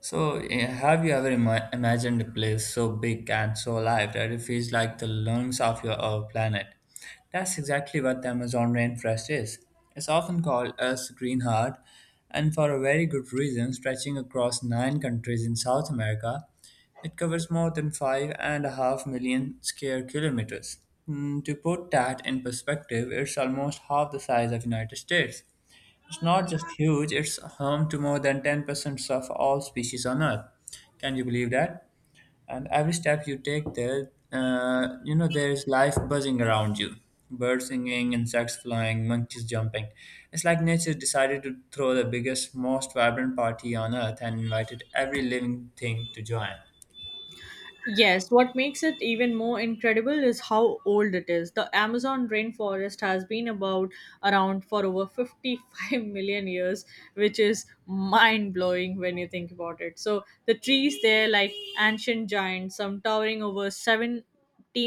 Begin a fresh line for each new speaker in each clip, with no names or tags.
So, have you ever imagined a place so big and so alive that it feels like the lungs of your our planet? That's exactly what the Amazon rainforest is. It's often called Earth's green heart, and for a very good reason, stretching across nine countries in South America, it covers more than 5.5 million square kilometers. To put that in perspective, it's almost half the size of United States. It's not just huge, it's home to more than 10% of all species on Earth. Can you believe that? And every step you take there, there is life buzzing around you. Birds singing, insects flying, monkeys jumping. It's like nature decided to throw the biggest, most vibrant party on Earth and invited every living thing to join.
Yes, what makes it even more incredible is how old it is. The Amazon rainforest has been about around for over 55 million years, which is mind-blowing when you think about it. So the trees there like ancient giants, some towering over 7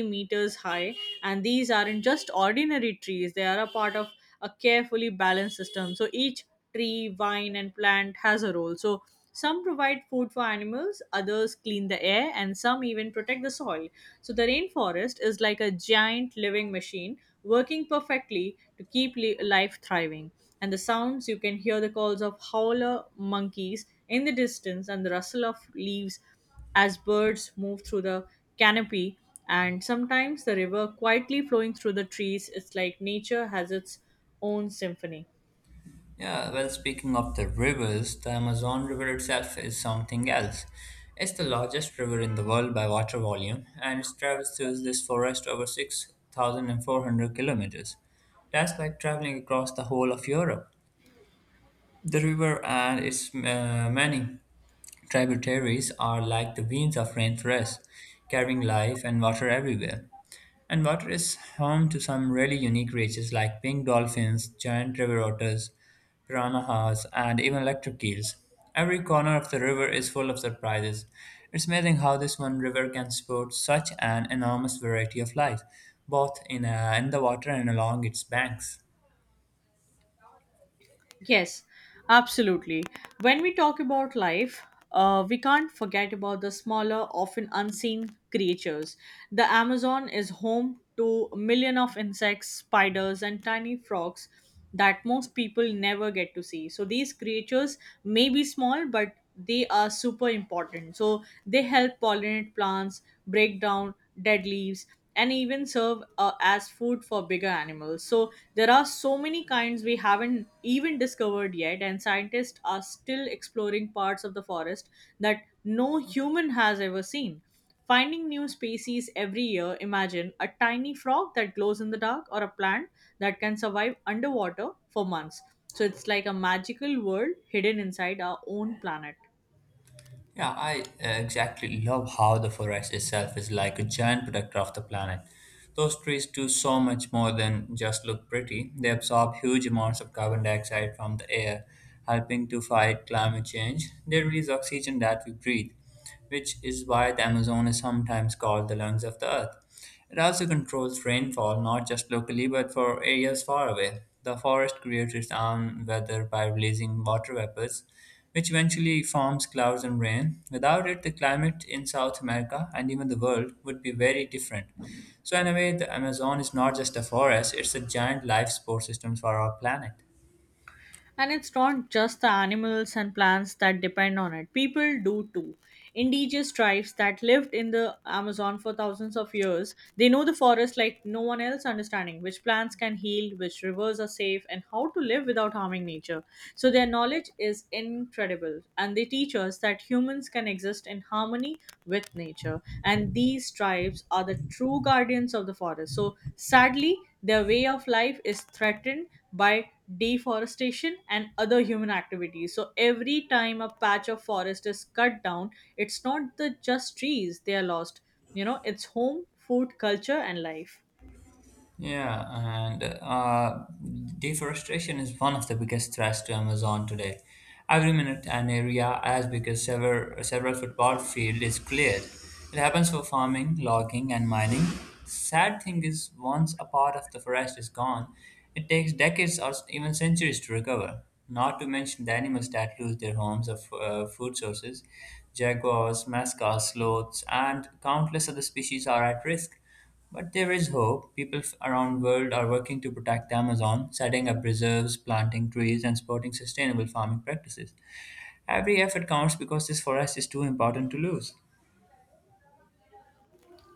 meters high. And these aren't just ordinary trees, they are a part of a carefully balanced system, so each tree, vine and plant has a role. So some provide food for animals, others clean the air, and some even protect the soil. So the rainforest is like a giant living machine working perfectly to keep life thriving. And the sounds, you can hear the calls of howler monkeys in the distance and the rustle of leaves as birds move through the canopy. And sometimes the river quietly flowing through the trees. It's like nature has its own symphony.
Yeah, well, speaking of the rivers, the Amazon River itself is something else. It's the largest river in the world by water volume, and it traverses this forest over 6,400 kilometers. That's like traveling across the whole of Europe. The river and its many tributaries are like the veins of rainforest, carrying life and water everywhere. And water is home to some really unique creatures like pink dolphins, giant river otters, piranhas, and even electric eels. Every corner of the river is full of surprises. It's amazing how this one river can support such an enormous variety of life, both in the water and along its banks.
Yes, absolutely. When we talk about life, we can't forget about the smaller, often unseen creatures. The Amazon is home to a million of insects, spiders, and tiny frogs that most people never get to see. So these creatures may be small, but they are super important. So they help pollinate plants, break down dead leaves, and even serve as food for bigger animals. So there are so many kinds we haven't even discovered yet, and scientists are still exploring parts of the forest that no human has ever seen. Finding new species every year, imagine a tiny frog that glows in the dark or a plant that can survive underwater for months. So it's like a magical world hidden inside our own planet.
Yeah, I exactly love how the forest itself is like a giant protector of the planet. Those trees do so much more than just look pretty. They absorb huge amounts of carbon dioxide from the air, helping to fight climate change. They release oxygen that we breathe, which is why the Amazon is sometimes called the lungs of the earth. It also controls rainfall not just locally but for areas far away. The forest creates its own weather by releasing water vapors, which eventually forms clouds and rain. Without it, the climate in South America and even the world would be very different. So, in a way, the Amazon is not just a forest, it's a giant life support system for our planet.
And it's not just the animals and plants that depend on it, people do too. Indigenous tribes that lived in the Amazon for thousands of years, they know the forest like no one else, understanding which plants can heal, which rivers are safe, and how to live without harming nature. So their knowledge is incredible and they teach us that humans can exist in harmony with nature. And these tribes are the true guardians of the forest. So sadly, their way of life is threatened by deforestation and other human activities. So every time a patch of forest is cut down, it's not the just trees they are lost. You know, it's home, food, culture, and life.
Yeah, and deforestation is one of the biggest threats to Amazon today. Every minute, an area as big as several football field is cleared. It happens for farming, logging, and mining. Sad thing is, once a part of the forest is gone, it takes decades or even centuries to recover. Not to mention the animals that lose their homes or food sources. Jaguars, mascots, sloths, and countless other species are at risk. But there is hope. People around the world are working to protect the Amazon, setting up reserves, planting trees, and supporting sustainable farming practices. Every effort counts because this forest is too important to lose.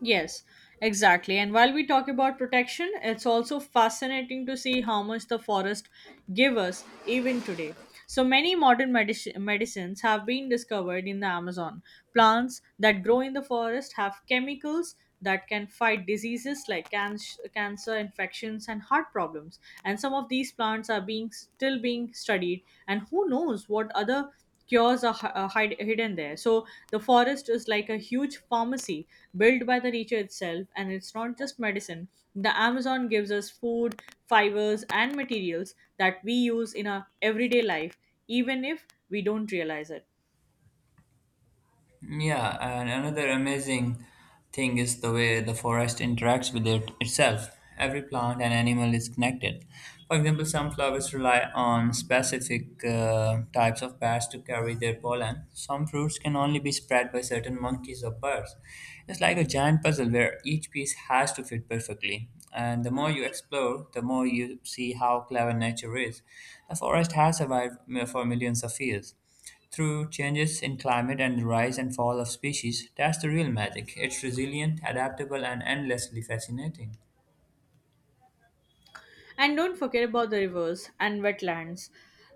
Yes, exactly. And while we talk about protection, it's also fascinating to see how much the forest give us even today. So many modern medicines have been discovered in the Amazon. Plants that grow in the forest have chemicals that can fight diseases like cancer, infections, and heart problems. And some of these plants are being still being studied. And who knows what other cures are hidden there. So the forest is like a huge pharmacy built by the nature itself, and it's not just medicine. The Amazon gives us food, fibers, and materials that we use in our everyday life, even if we don't realize it.
Yeah, and another amazing thing is the way the forest interacts with it itself. Every plant and animal is connected. For example, some flowers rely on specific types of bats to carry their pollen. Some fruits can only be spread by certain monkeys or birds. It's like a giant puzzle where each piece has to fit perfectly. And the more you explore, the more you see how clever nature is. The forest has survived for millions of years. Through changes in climate and the rise and fall of species, that's the real magic. It's resilient, adaptable, and endlessly fascinating.
And don't forget about the rivers and wetlands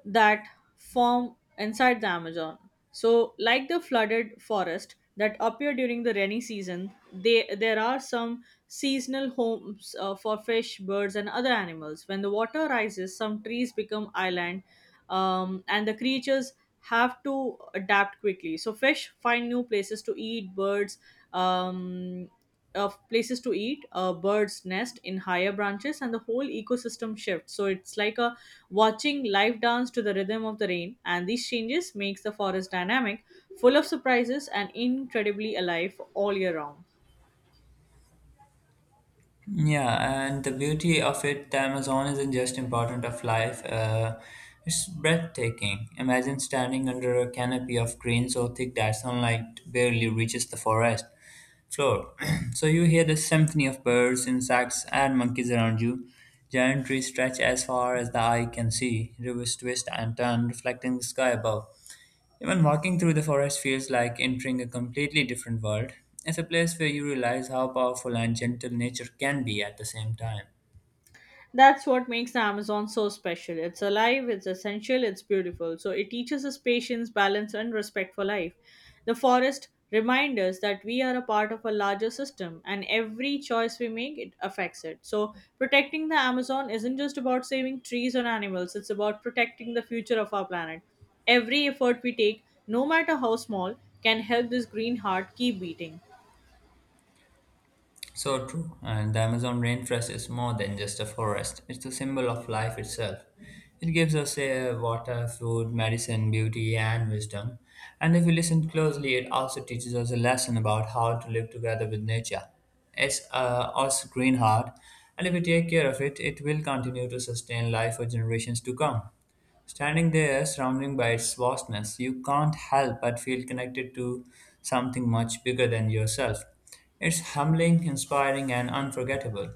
that form inside the Amazon. So, like the flooded forest that appear during the rainy season, there are some seasonal homes for fish, birds, and other animals. When the water rises, some trees become island, and the creatures have to adapt quickly. So, fish find new places to eat, birds. Um, of places to eat, a bird's nest in higher branches, and the whole ecosystem shifts. So it's like a watching life dance to the rhythm of the rain, and these changes makes the forest dynamic, full of surprises, and incredibly alive all year round.
Yeah, and the beauty of it, the Amazon isn't just important of life. It's breathtaking. Imagine standing under a canopy of green so thick that sunlight barely reaches the forest floor. So you hear the symphony of birds, insects, and monkeys around you. Giant trees stretch as far as the eye can see. Rivers twist and turn, reflecting the sky above. Even walking through the forest feels like entering a completely different world. It's a place where you realize how powerful and gentle nature can be at the same time.
That's what makes the Amazon so special. It's alive, it's essential, it's beautiful. So it teaches us patience, balance, and respect for life. The forest reminds us that we are a part of a larger system, and every choice we make, it affects it. So protecting the Amazon isn't just about saving trees or animals, it's about protecting the future of our planet. Every effort we take, no matter how small, can help this green heart keep beating.
So true, and the Amazon rainforest is more than just a forest, it's the symbol of life itself. It gives us air, water, food, medicine, beauty, and wisdom. And if we listen closely, it also teaches us a lesson about how to live together with nature. It's also green heart, and if we take care of it, it will continue to sustain life for generations to come. Standing there, surrounded by its vastness, you can't help but feel connected to something much bigger than yourself. It's humbling, inspiring, and unforgettable.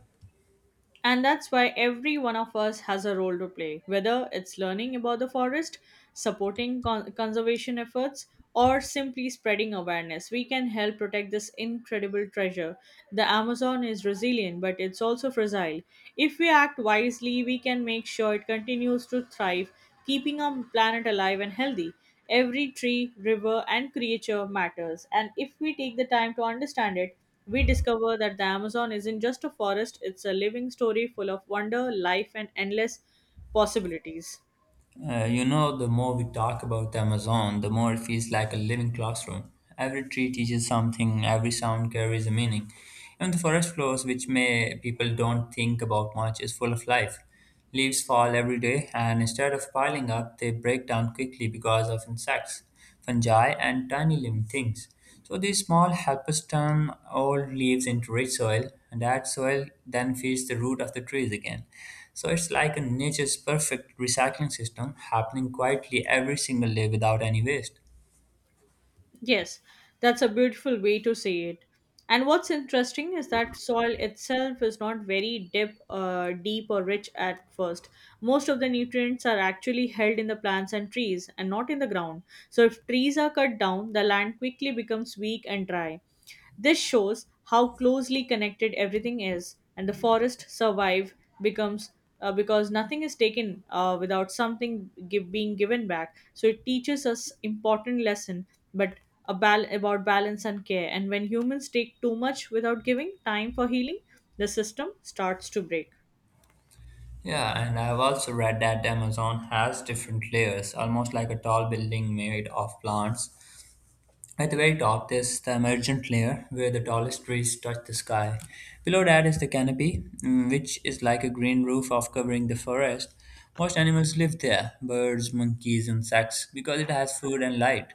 And that's why every one of us has a role to play, whether it's learning about the forest, supporting conservation efforts, or simply spreading awareness. We can help protect this incredible treasure. The Amazon is resilient, but it's also fragile. If we act wisely, we can make sure it continues to thrive, keeping our planet alive and healthy. Every tree, river, and creature matters, and if we take the time to understand it, we discover that the Amazon isn't just a forest, it's a living story full of wonder, life, and endless possibilities.
The more we talk about Amazon, the more it feels like a living classroom. Every tree teaches something, every sound carries a meaning. Even the forest floors, which may people don't think about much, is full of life. Leaves fall every day, and instead of piling up, they break down quickly because of insects, fungi, and tiny living things. So these small helpers turn old leaves into rich soil, and that soil then feeds the root of the trees again. So it's like a nature's perfect recycling system happening quietly every single day without any waste.
Yes, that's a beautiful way to say it. And what's interesting is that soil itself is not very deep, or rich at first. Most of the nutrients are actually held in the plants and trees and not in the ground. So if trees are cut down, the land quickly becomes weak and dry. This shows how closely connected everything is, and the forest survive becomes because nothing is taken without something give, being given back. So it teaches us important lesson, but about balance and care. And when humans take too much without giving time for healing, the system starts to break.
Yeah, and I've also read that the Amazon has different layers, almost like a tall building made of plants. At the very top, there's the emergent layer where the tallest trees touch the sky. Below that is the canopy, which is like a green roof off covering the forest. Most animals live there birds, monkeys, insects because it has food and light.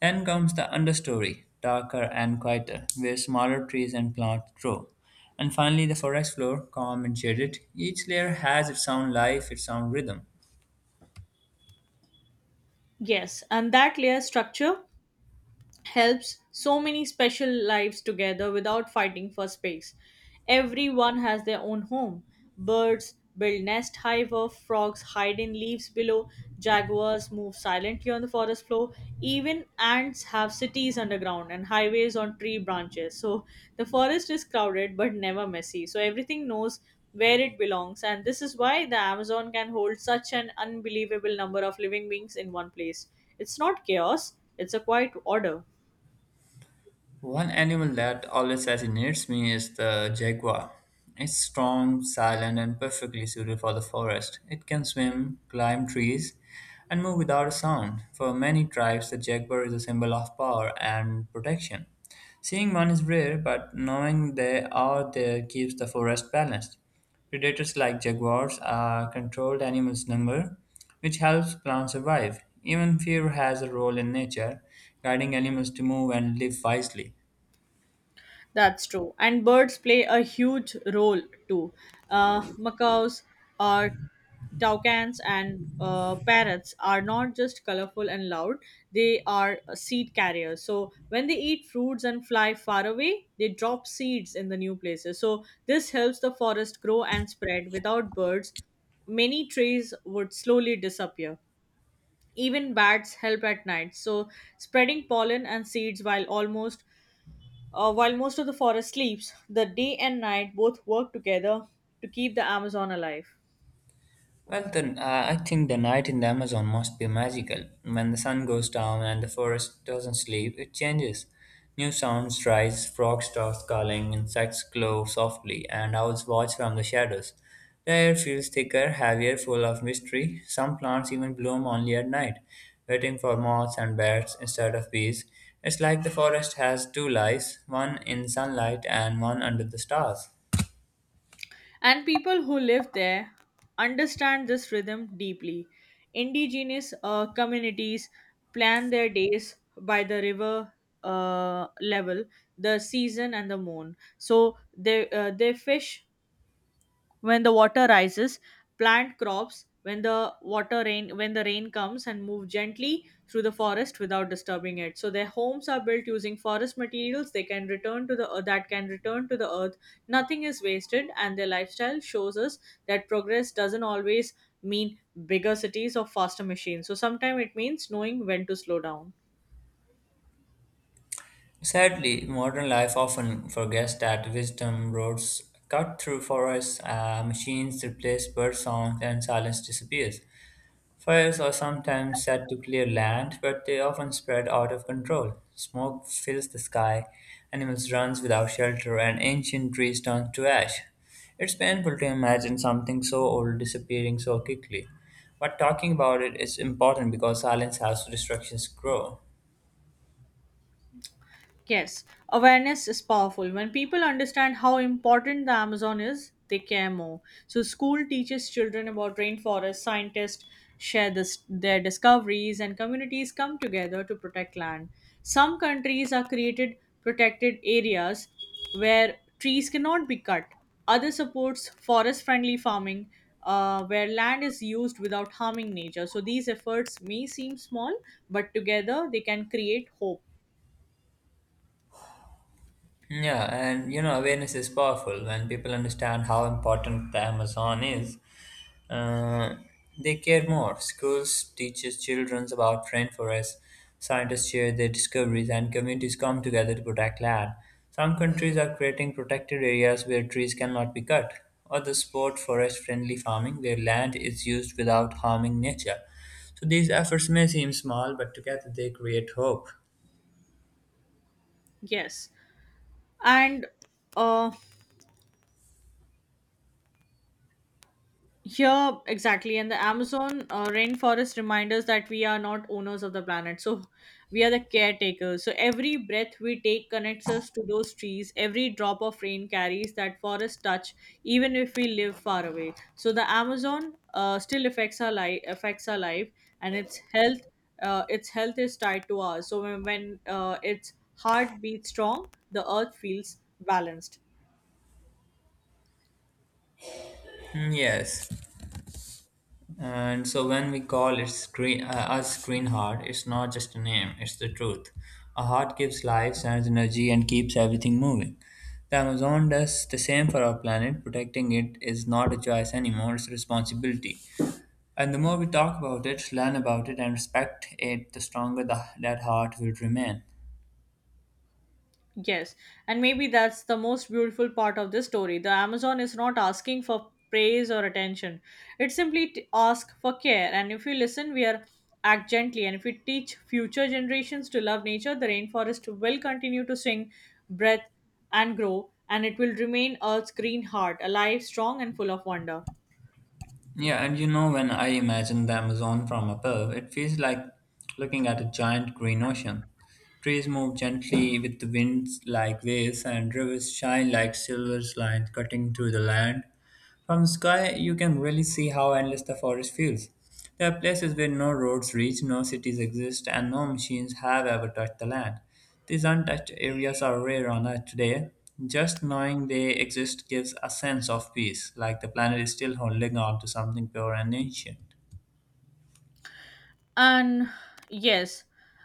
Then comes the understory, darker and quieter, where smaller trees and plants grow. And finally, the forest floor, calm and shaded. Each layer has its own life, its own rhythm.
Yes, and that layer structure helps so many special lives together without fighting for space. Everyone has their own home. Birds build nest hive of frogs hide in leaves below, jaguars move silently on the forest floor, even ants have cities underground and highways on tree branches. So the forest is crowded but never messy. So everything knows where it belongs and this is why the Amazon can hold such an unbelievable number of living beings in one place. It's not chaos, it's a quiet order.
One animal that always fascinates me is the jaguar. It's strong, silent, and perfectly suited for the forest. It can swim, climb trees, and move without a sound. For many tribes, the jaguar is a symbol of power and protection. Seeing one is rare, but knowing they are there keeps the forest balanced. Predators like jaguars are controlled animals' number, which helps plants survive. Even fear has a role in nature, guiding animals to move and live wisely.
That's true. And birds play a huge role too. Macaws, uh, toucans, and parrots are not just colorful and loud, they are seed carriers. So when they eat fruits and fly far away, they drop seeds in the new places. So this helps the forest grow and spread. Without birds, many trees would slowly disappear. Even bats help at night, so spreading pollen and seeds while almost while most of the forest sleeps, the day and night both work together to keep the Amazon alive.
Well, then, I think the night in the Amazon must be magical. When the sun goes down and the forest doesn't sleep, it changes. New sounds rise, frogs start calling, insects glow softly, and owls watch from the shadows. The air feels thicker, heavier, full of mystery. Some plants even bloom only at night, waiting for moths and birds instead of bees. It's like the forest has two lives, one in sunlight and one under the stars.
And people who live there understand this rhythm deeply. Indigenous communities plan their days by the river level, the season, and the moon. So they fish when the water rises, plant crops when the rain comes, and move gently through the forest without disturbing it. So their homes are built using forest materials they can return to the earth that can return to the earth. Nothing is wasted, and their lifestyle shows us that progress doesn't always mean bigger cities or faster machines. So sometimes it means knowing when to slow down.
Sadly, modern life often forgets that wisdom roads cut through forests, machines replace bird songs, and silence disappears. Fires are sometimes set to clear land, but they often spread out of control. Smoke fills the sky, animals runs without shelter, and ancient trees turn to ash. It's painful to imagine something so old disappearing so quickly. But talking about it is important because silence helps destructions grow.
Yes, awareness is powerful. When people understand how important the Amazon is, they care more. So, school teaches children about rainforests, scientists share their discoveries, and communities come together to protect land. Some countries are created protected areas where trees cannot be cut. Other supports forest friendly farming, where land is used without harming nature. So, these efforts may seem small, but together they can create hope.
Yeah, and awareness is powerful. When people understand how important the Amazon is, uh, they care more. Schools teaches children about rainforests, scientists share their discoveries, and communities come together to protect land. Some countries are creating protected areas where trees cannot be cut. Others support forest-friendly farming where land is used without harming nature. So these efforts may seem small, but together they create hope.
Yes. and uh here Exactly. And the amazon rainforest reminds us that we are not owners of the planet, so we are the caretakers. So every breath we take connects us to those trees, every drop of rain carries that forest touch, even if we live far away. So the amazon still affects our life, and its health is tied to ours. So when its heart beats strong, the earth feels balanced.
Mm, yes. And so when we call it screen, us Green Heart, it's not just a name, it's the truth. A heart gives life, sends energy, and keeps everything moving. The Amazon does the same for our planet. Protecting it is not a choice anymore, it's a responsibility. And the more we talk about it, learn about it, and respect it, the stronger that heart will remain.
Yes, and maybe that's the most beautiful part of this story. The Amazon is not asking for praise or attention. It simply asks for care. And if we listen, we are act gently. And if we teach future generations to love nature, the rainforest will continue to sing, breathe, and grow. And it will remain Earth's green heart, alive, strong, and full of wonder.
Yeah, and when I imagine the Amazon from above, it feels like looking at a giant green ocean. Trees move gently with the winds like waves, and rivers shine like silver lines cutting through the land. From the sky, you can really see how endless the forest feels. There are places where no roads reach, no cities exist, and no machines have ever touched the land. These untouched areas are rare on Earth today. Just knowing they exist gives a sense of peace, like the planet is still holding on to something pure and ancient.
And yes,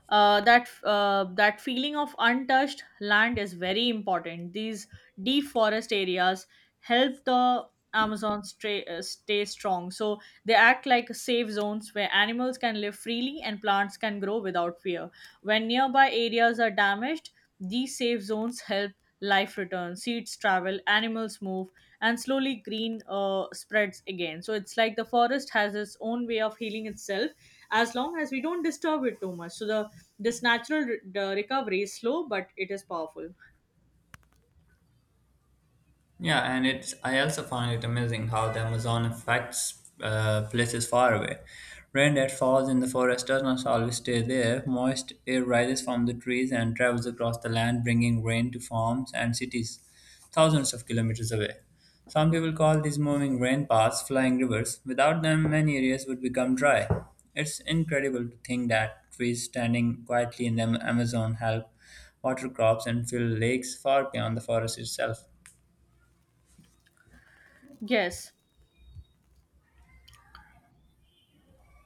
uh, that uh, that feeling of untouched land is very important. These deep forest areas help the stay strong. So they act like safe zones where animals can live freely and plants can grow without fear. When nearby areas are damaged, these safe zones help life return. Seeds travel, animals move, and slowly green spreads again. So it's like the forest has its own way of healing itself as long as we don't disturb it too much. So the this natural the recovery is slow, but it is powerful.
Yeah, and it's I also find it amazing how the Amazon affects places far away. Rain that falls in the forest does not always stay there. Moist air rises from the trees and travels across the land, bringing rain to farms and cities thousands of kilometers away. Some people call these moving rain paths flying rivers. Without them, many areas would become dry. It's incredible to think that trees standing quietly in the Amazon help water crops and fill lakes far beyond the forest itself.
Yes,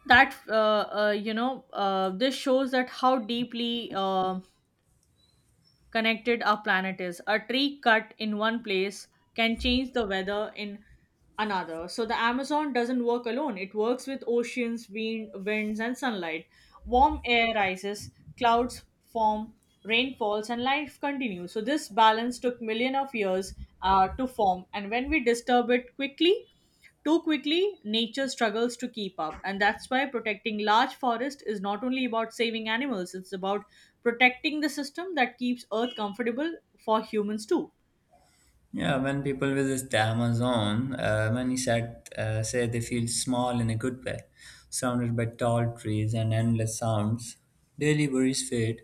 that you know this shows that how deeply connected our planet is. A tree cut in one place can change the weather in another. So the Amazon doesn't work alone. It works with oceans, wind, winds, and sunlight. Warm air rises, clouds form, rain falls, and life continues. So this balance took million of years to form, and when we disturb it quickly, too quickly, nature struggles to keep up, and that's why protecting large forests is not only about saving animals, it's about protecting the system that keeps Earth comfortable for humans too.
Yeah, when people visit the Amazon, many say they feel small in a good way, surrounded by tall trees and endless sounds. Daily worries fade,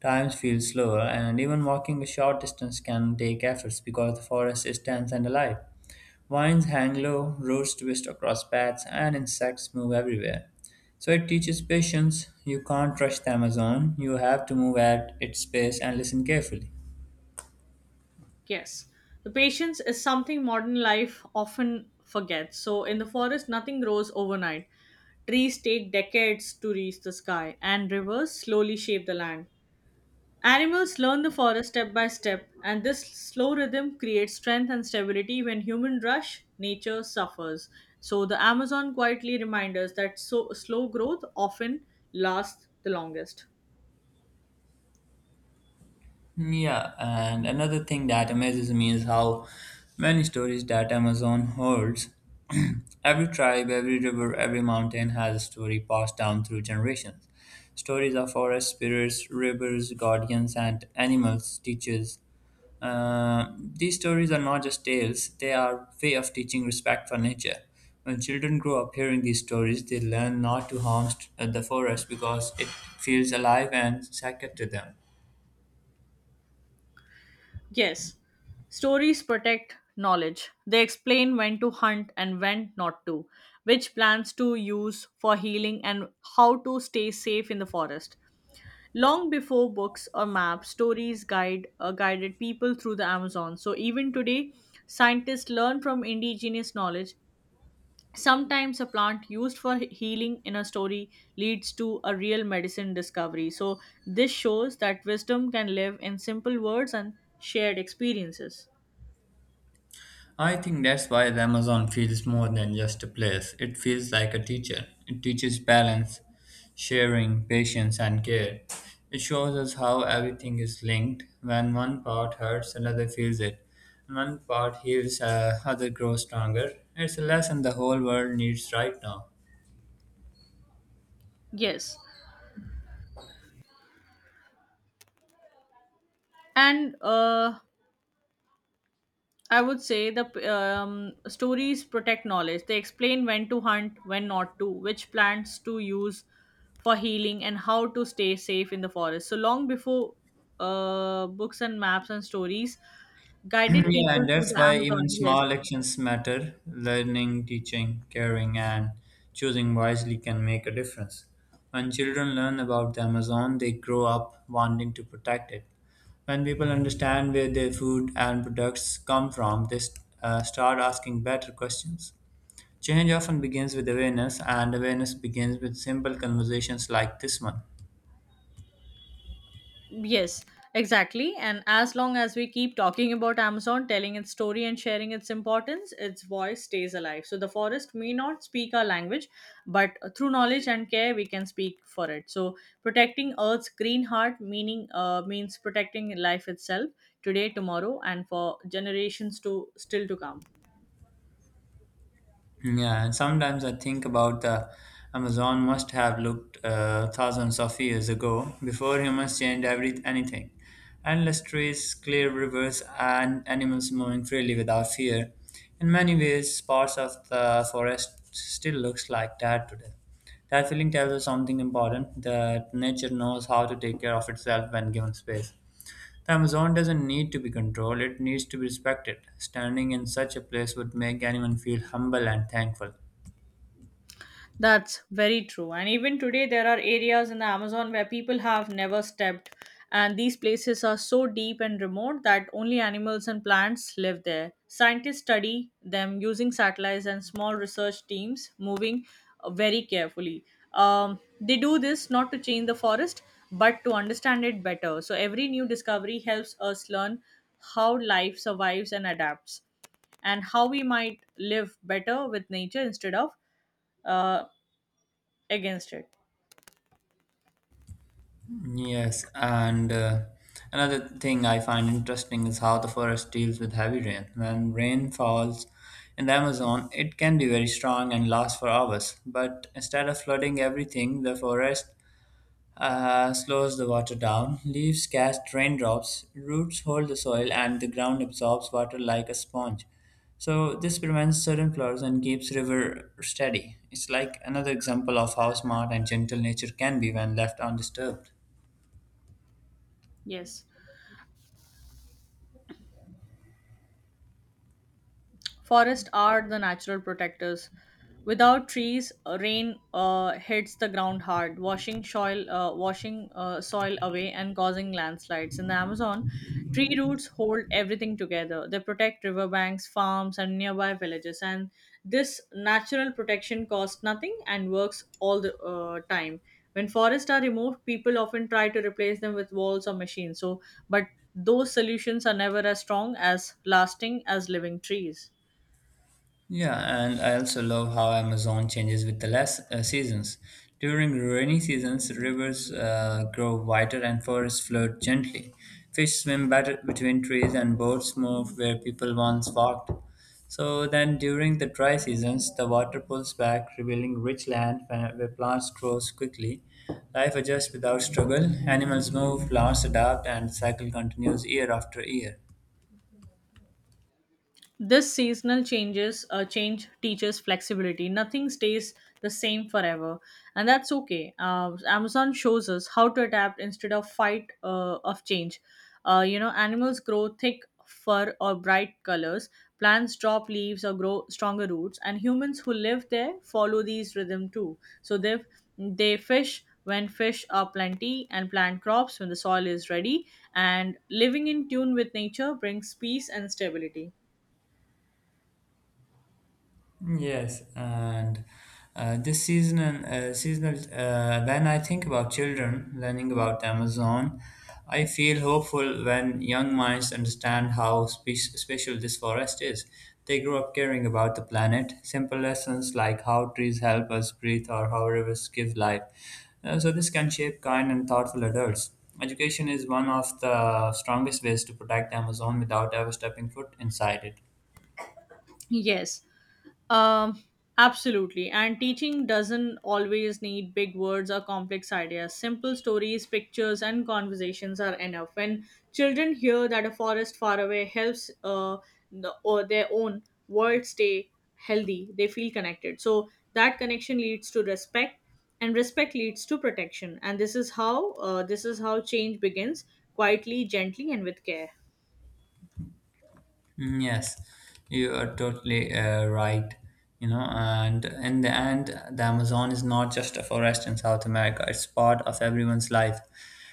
times feel slower, and even walking a short distance can take efforts because the forest is dense and alive. Vines hang low, roads twist across paths, and insects move everywhere. So it teaches patience. You can't rush the Amazon, you have to move at its pace and listen carefully.
Yes. The patience is something modern life often forgets. So, in the forest, nothing grows overnight. Trees take decades to reach the sky, and rivers slowly shape the land. Animals learn the forest step by step, and this slow rhythm creates strength and stability. When humans rush, nature suffers. So, the Amazon quietly reminds us that so, slow growth often lasts the longest.
Yeah, and another thing that amazes me is how many stories that Amazon holds. Every tribe, every river, every mountain has a story passed down through generations. Stories of forest spirits, rivers, guardians, and animals, teachers. These stories are not just tales, they are way of teaching respect for nature. When children grow up hearing these stories, they learn not to harm the forest because it feels alive and sacred to them.
Yes, stories protect knowledge. They explain when to hunt and when not to, which plants to use for healing, and how to stay safe in the forest. Long before books or maps, stories guide guided people through the Amazon. So even today, scientists learn from indigenous knowledge. Sometimes a plant used for healing in a story leads to a real medicine discovery. So this shows that wisdom can live in simple words and shared experiences.
I think that's why the Amazon feels more than just a place. It feels like a teacher. It teaches balance, sharing, patience, and care. It shows us how everything is linked. When one part hurts, another feels it. When one part heals, other grows stronger. It's a lesson the whole world needs right now.
Yes. And I would say the stories protect knowledge. They explain when to hunt, when not to, which plants to use for healing, and how to stay safe in the forest. So long before books and maps and stories guided
Yeah,
people
and
through
that's
the
why
Amazon.
even
Yes,
small actions matter. Learning, teaching, caring, and choosing wisely can make a difference. When children learn about the Amazon, they grow up wanting to protect it. When people understand where their food and products come from, they start asking better questions. Change often begins with awareness, and awareness begins with simple conversations like this one.
Yes, exactly. And as long as we keep talking about Amazon, telling its story and sharing its importance, its voice stays alive. So the forest may not speak our language, but through knowledge and care, we can speak for it. So protecting Earth's green heart, meaning means protecting life itself today, tomorrow, and for generations to still to come.
Yeah, and sometimes I think about the Amazon must have looked thousands of years ago before humans changed every anything. Endless trees, clear rivers, and animals moving freely without fear. In many ways, parts of the forest still looks like that today. That feeling tells us something important that nature knows how to take care of itself when given space. The Amazon doesn't need to be controlled, it needs to be respected. Standing in such a place would make anyone feel humble and thankful.
That's very true. And even today, there are areas in the Amazon where people have never stepped, and these places are so deep and remote that only animals and plants live there. Scientists study them using satellites and small research teams moving very carefully. They do this not to change the forest, but to understand it better. So, every new discovery helps us learn how life survives and adapts, and how we might live better with nature instead of. Uh, Against it.
Yes, and another thing I find interesting is how the forest deals with heavy rain. When rain falls in the Amazon, it can be very strong and last for hours, but instead of flooding everything, the forest slows the water down. Leaves catch raindrops, roots hold the soil, and the ground absorbs water like a sponge. So, this prevents sudden floods and keeps river steady. It's like another example of how smart and gentle nature can be when left undisturbed.
Yes. Forests are the natural protectors. Without trees, rain hits the ground hard, washing soil away and causing landslides. In the Amazon, tree roots hold everything together. They protect riverbanks, farms, and nearby villages. And this natural protection costs nothing and works all the time. When forests are removed, people often try to replace them with walls or machines. So, but those solutions are never as strong as lasting as living trees.
Yeah, and I also love how Amazon changes with the less seasons. During rainy seasons, rivers grow wider and forests flood gently. Fish swim better between trees and boats move where people once walked. So then during the dry seasons, the water pulls back, revealing rich land where plants grow quickly. Life adjusts without struggle, animals move, plants adapt, and the cycle continues year after year.
This seasonal change teaches flexibility. Nothing stays the same forever, and that's okay. Amazon shows us how to adapt instead of fight of change. You know, animals grow thick fur or bright colors. Plants drop leaves or grow stronger roots, and humans who live there follow these rhythm too. So they fish when fish are plenty and plant crops when the soil is ready. And living in tune with nature brings peace and stability.
Yes, and this seasonal seasonal when I think about children learning about the Amazon, I feel hopeful when young minds understand how special this forest is. They grow up caring about the planet. Simple lessons like how trees help us breathe or how rivers give life. So this can shape kind and thoughtful adults. Education is one of the strongest ways to protect the Amazon without ever stepping foot inside it.
Yes, um, absolutely. And teaching doesn't always need big words or complex ideas. Simple stories, pictures, and conversations are enough. When children hear that a forest far away helps or their own world stay healthy, they feel connected. So that connection leads to respect, and respect leads to protection. And this is how change begins quietly, gently, and with care.
Mm, yes, you are totally right. You know, and in the end, the Amazon is not just a forest in South America, it's part of everyone's life.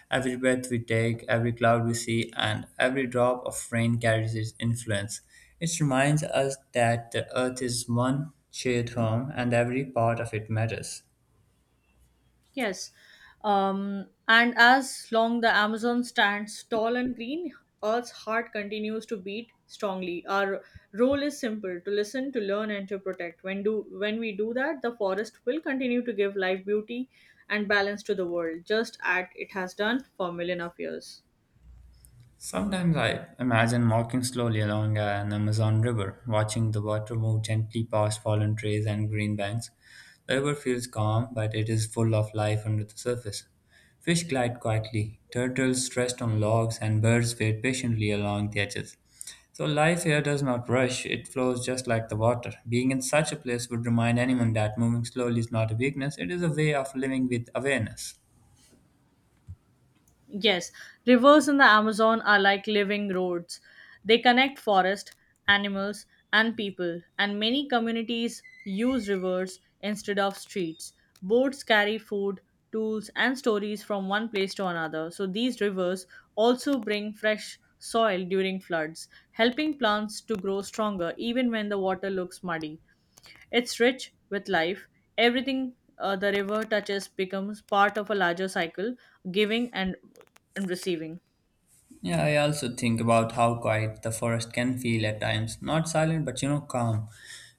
Every breath we take, every cloud we see, and every drop of rain carries its influence. It reminds us that the earth is one shared home and every part of it matters.
Yes. And as long the Amazon stands tall and green, Earth's heart continues to beat strongly. Our role is simple to listen, to learn, and to protect. When we do that, the forest will continue to give life beauty and balance to the world, just as it has done for million of years.
Sometimes I imagine walking slowly along an Amazon river, watching the water move gently past fallen trees and green banks. The river feels calm, but it is full of life under the surface. Fish glide quietly, turtles rest on logs, and birds wait patiently along the edges. So life here does not rush, it flows just like the water. Being in such a place would remind anyone that moving slowly is not a weakness, it is a way of living with awareness.
Yes, rivers in the Amazon are like living roads. They connect forest, animals, and people, and many communities use rivers instead of streets. Boats carry food, tools, and stories from one place to another. So these rivers also bring fresh soil during floods, helping plants to grow stronger even when the water looks muddy. It's rich with life. Everything the river touches becomes part of a larger cycle, giving and receiving.
Yeah, I also think about how quiet the forest can feel at times. Not silent, but you know, calm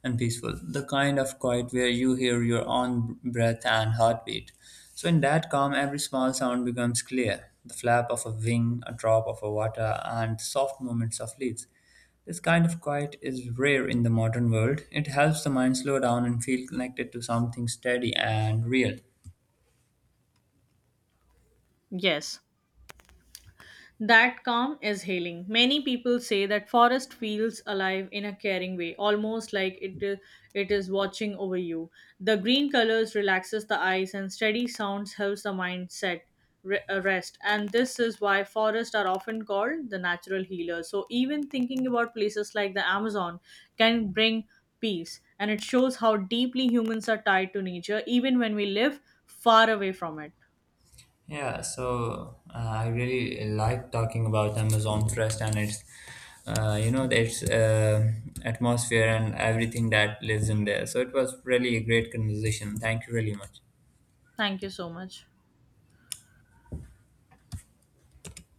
and peaceful. The kind of quiet where you hear your own breath and heartbeat. So, in that calm, every small sound becomes clear the flap of a wing, a drop of a water, and soft movements of leaves. This kind of quiet is rare in the modern world. It helps the mind slow down and feel connected to something steady and real.
Yes. That calm is healing. Many people say that forest feels alive in a caring way, almost it is watching over you. The green colors relaxes the eyes and steady sounds helps the mind rest. And this is why forests are often called the natural healer. So even thinking about places like the Amazon can bring peace and it shows how deeply humans are tied to nature even when we live far away from it.
I really like talking about Amazon Forest and its atmosphere and everything that lives in there. So it was really a great conversation. Thank you really much.
Thank you so much.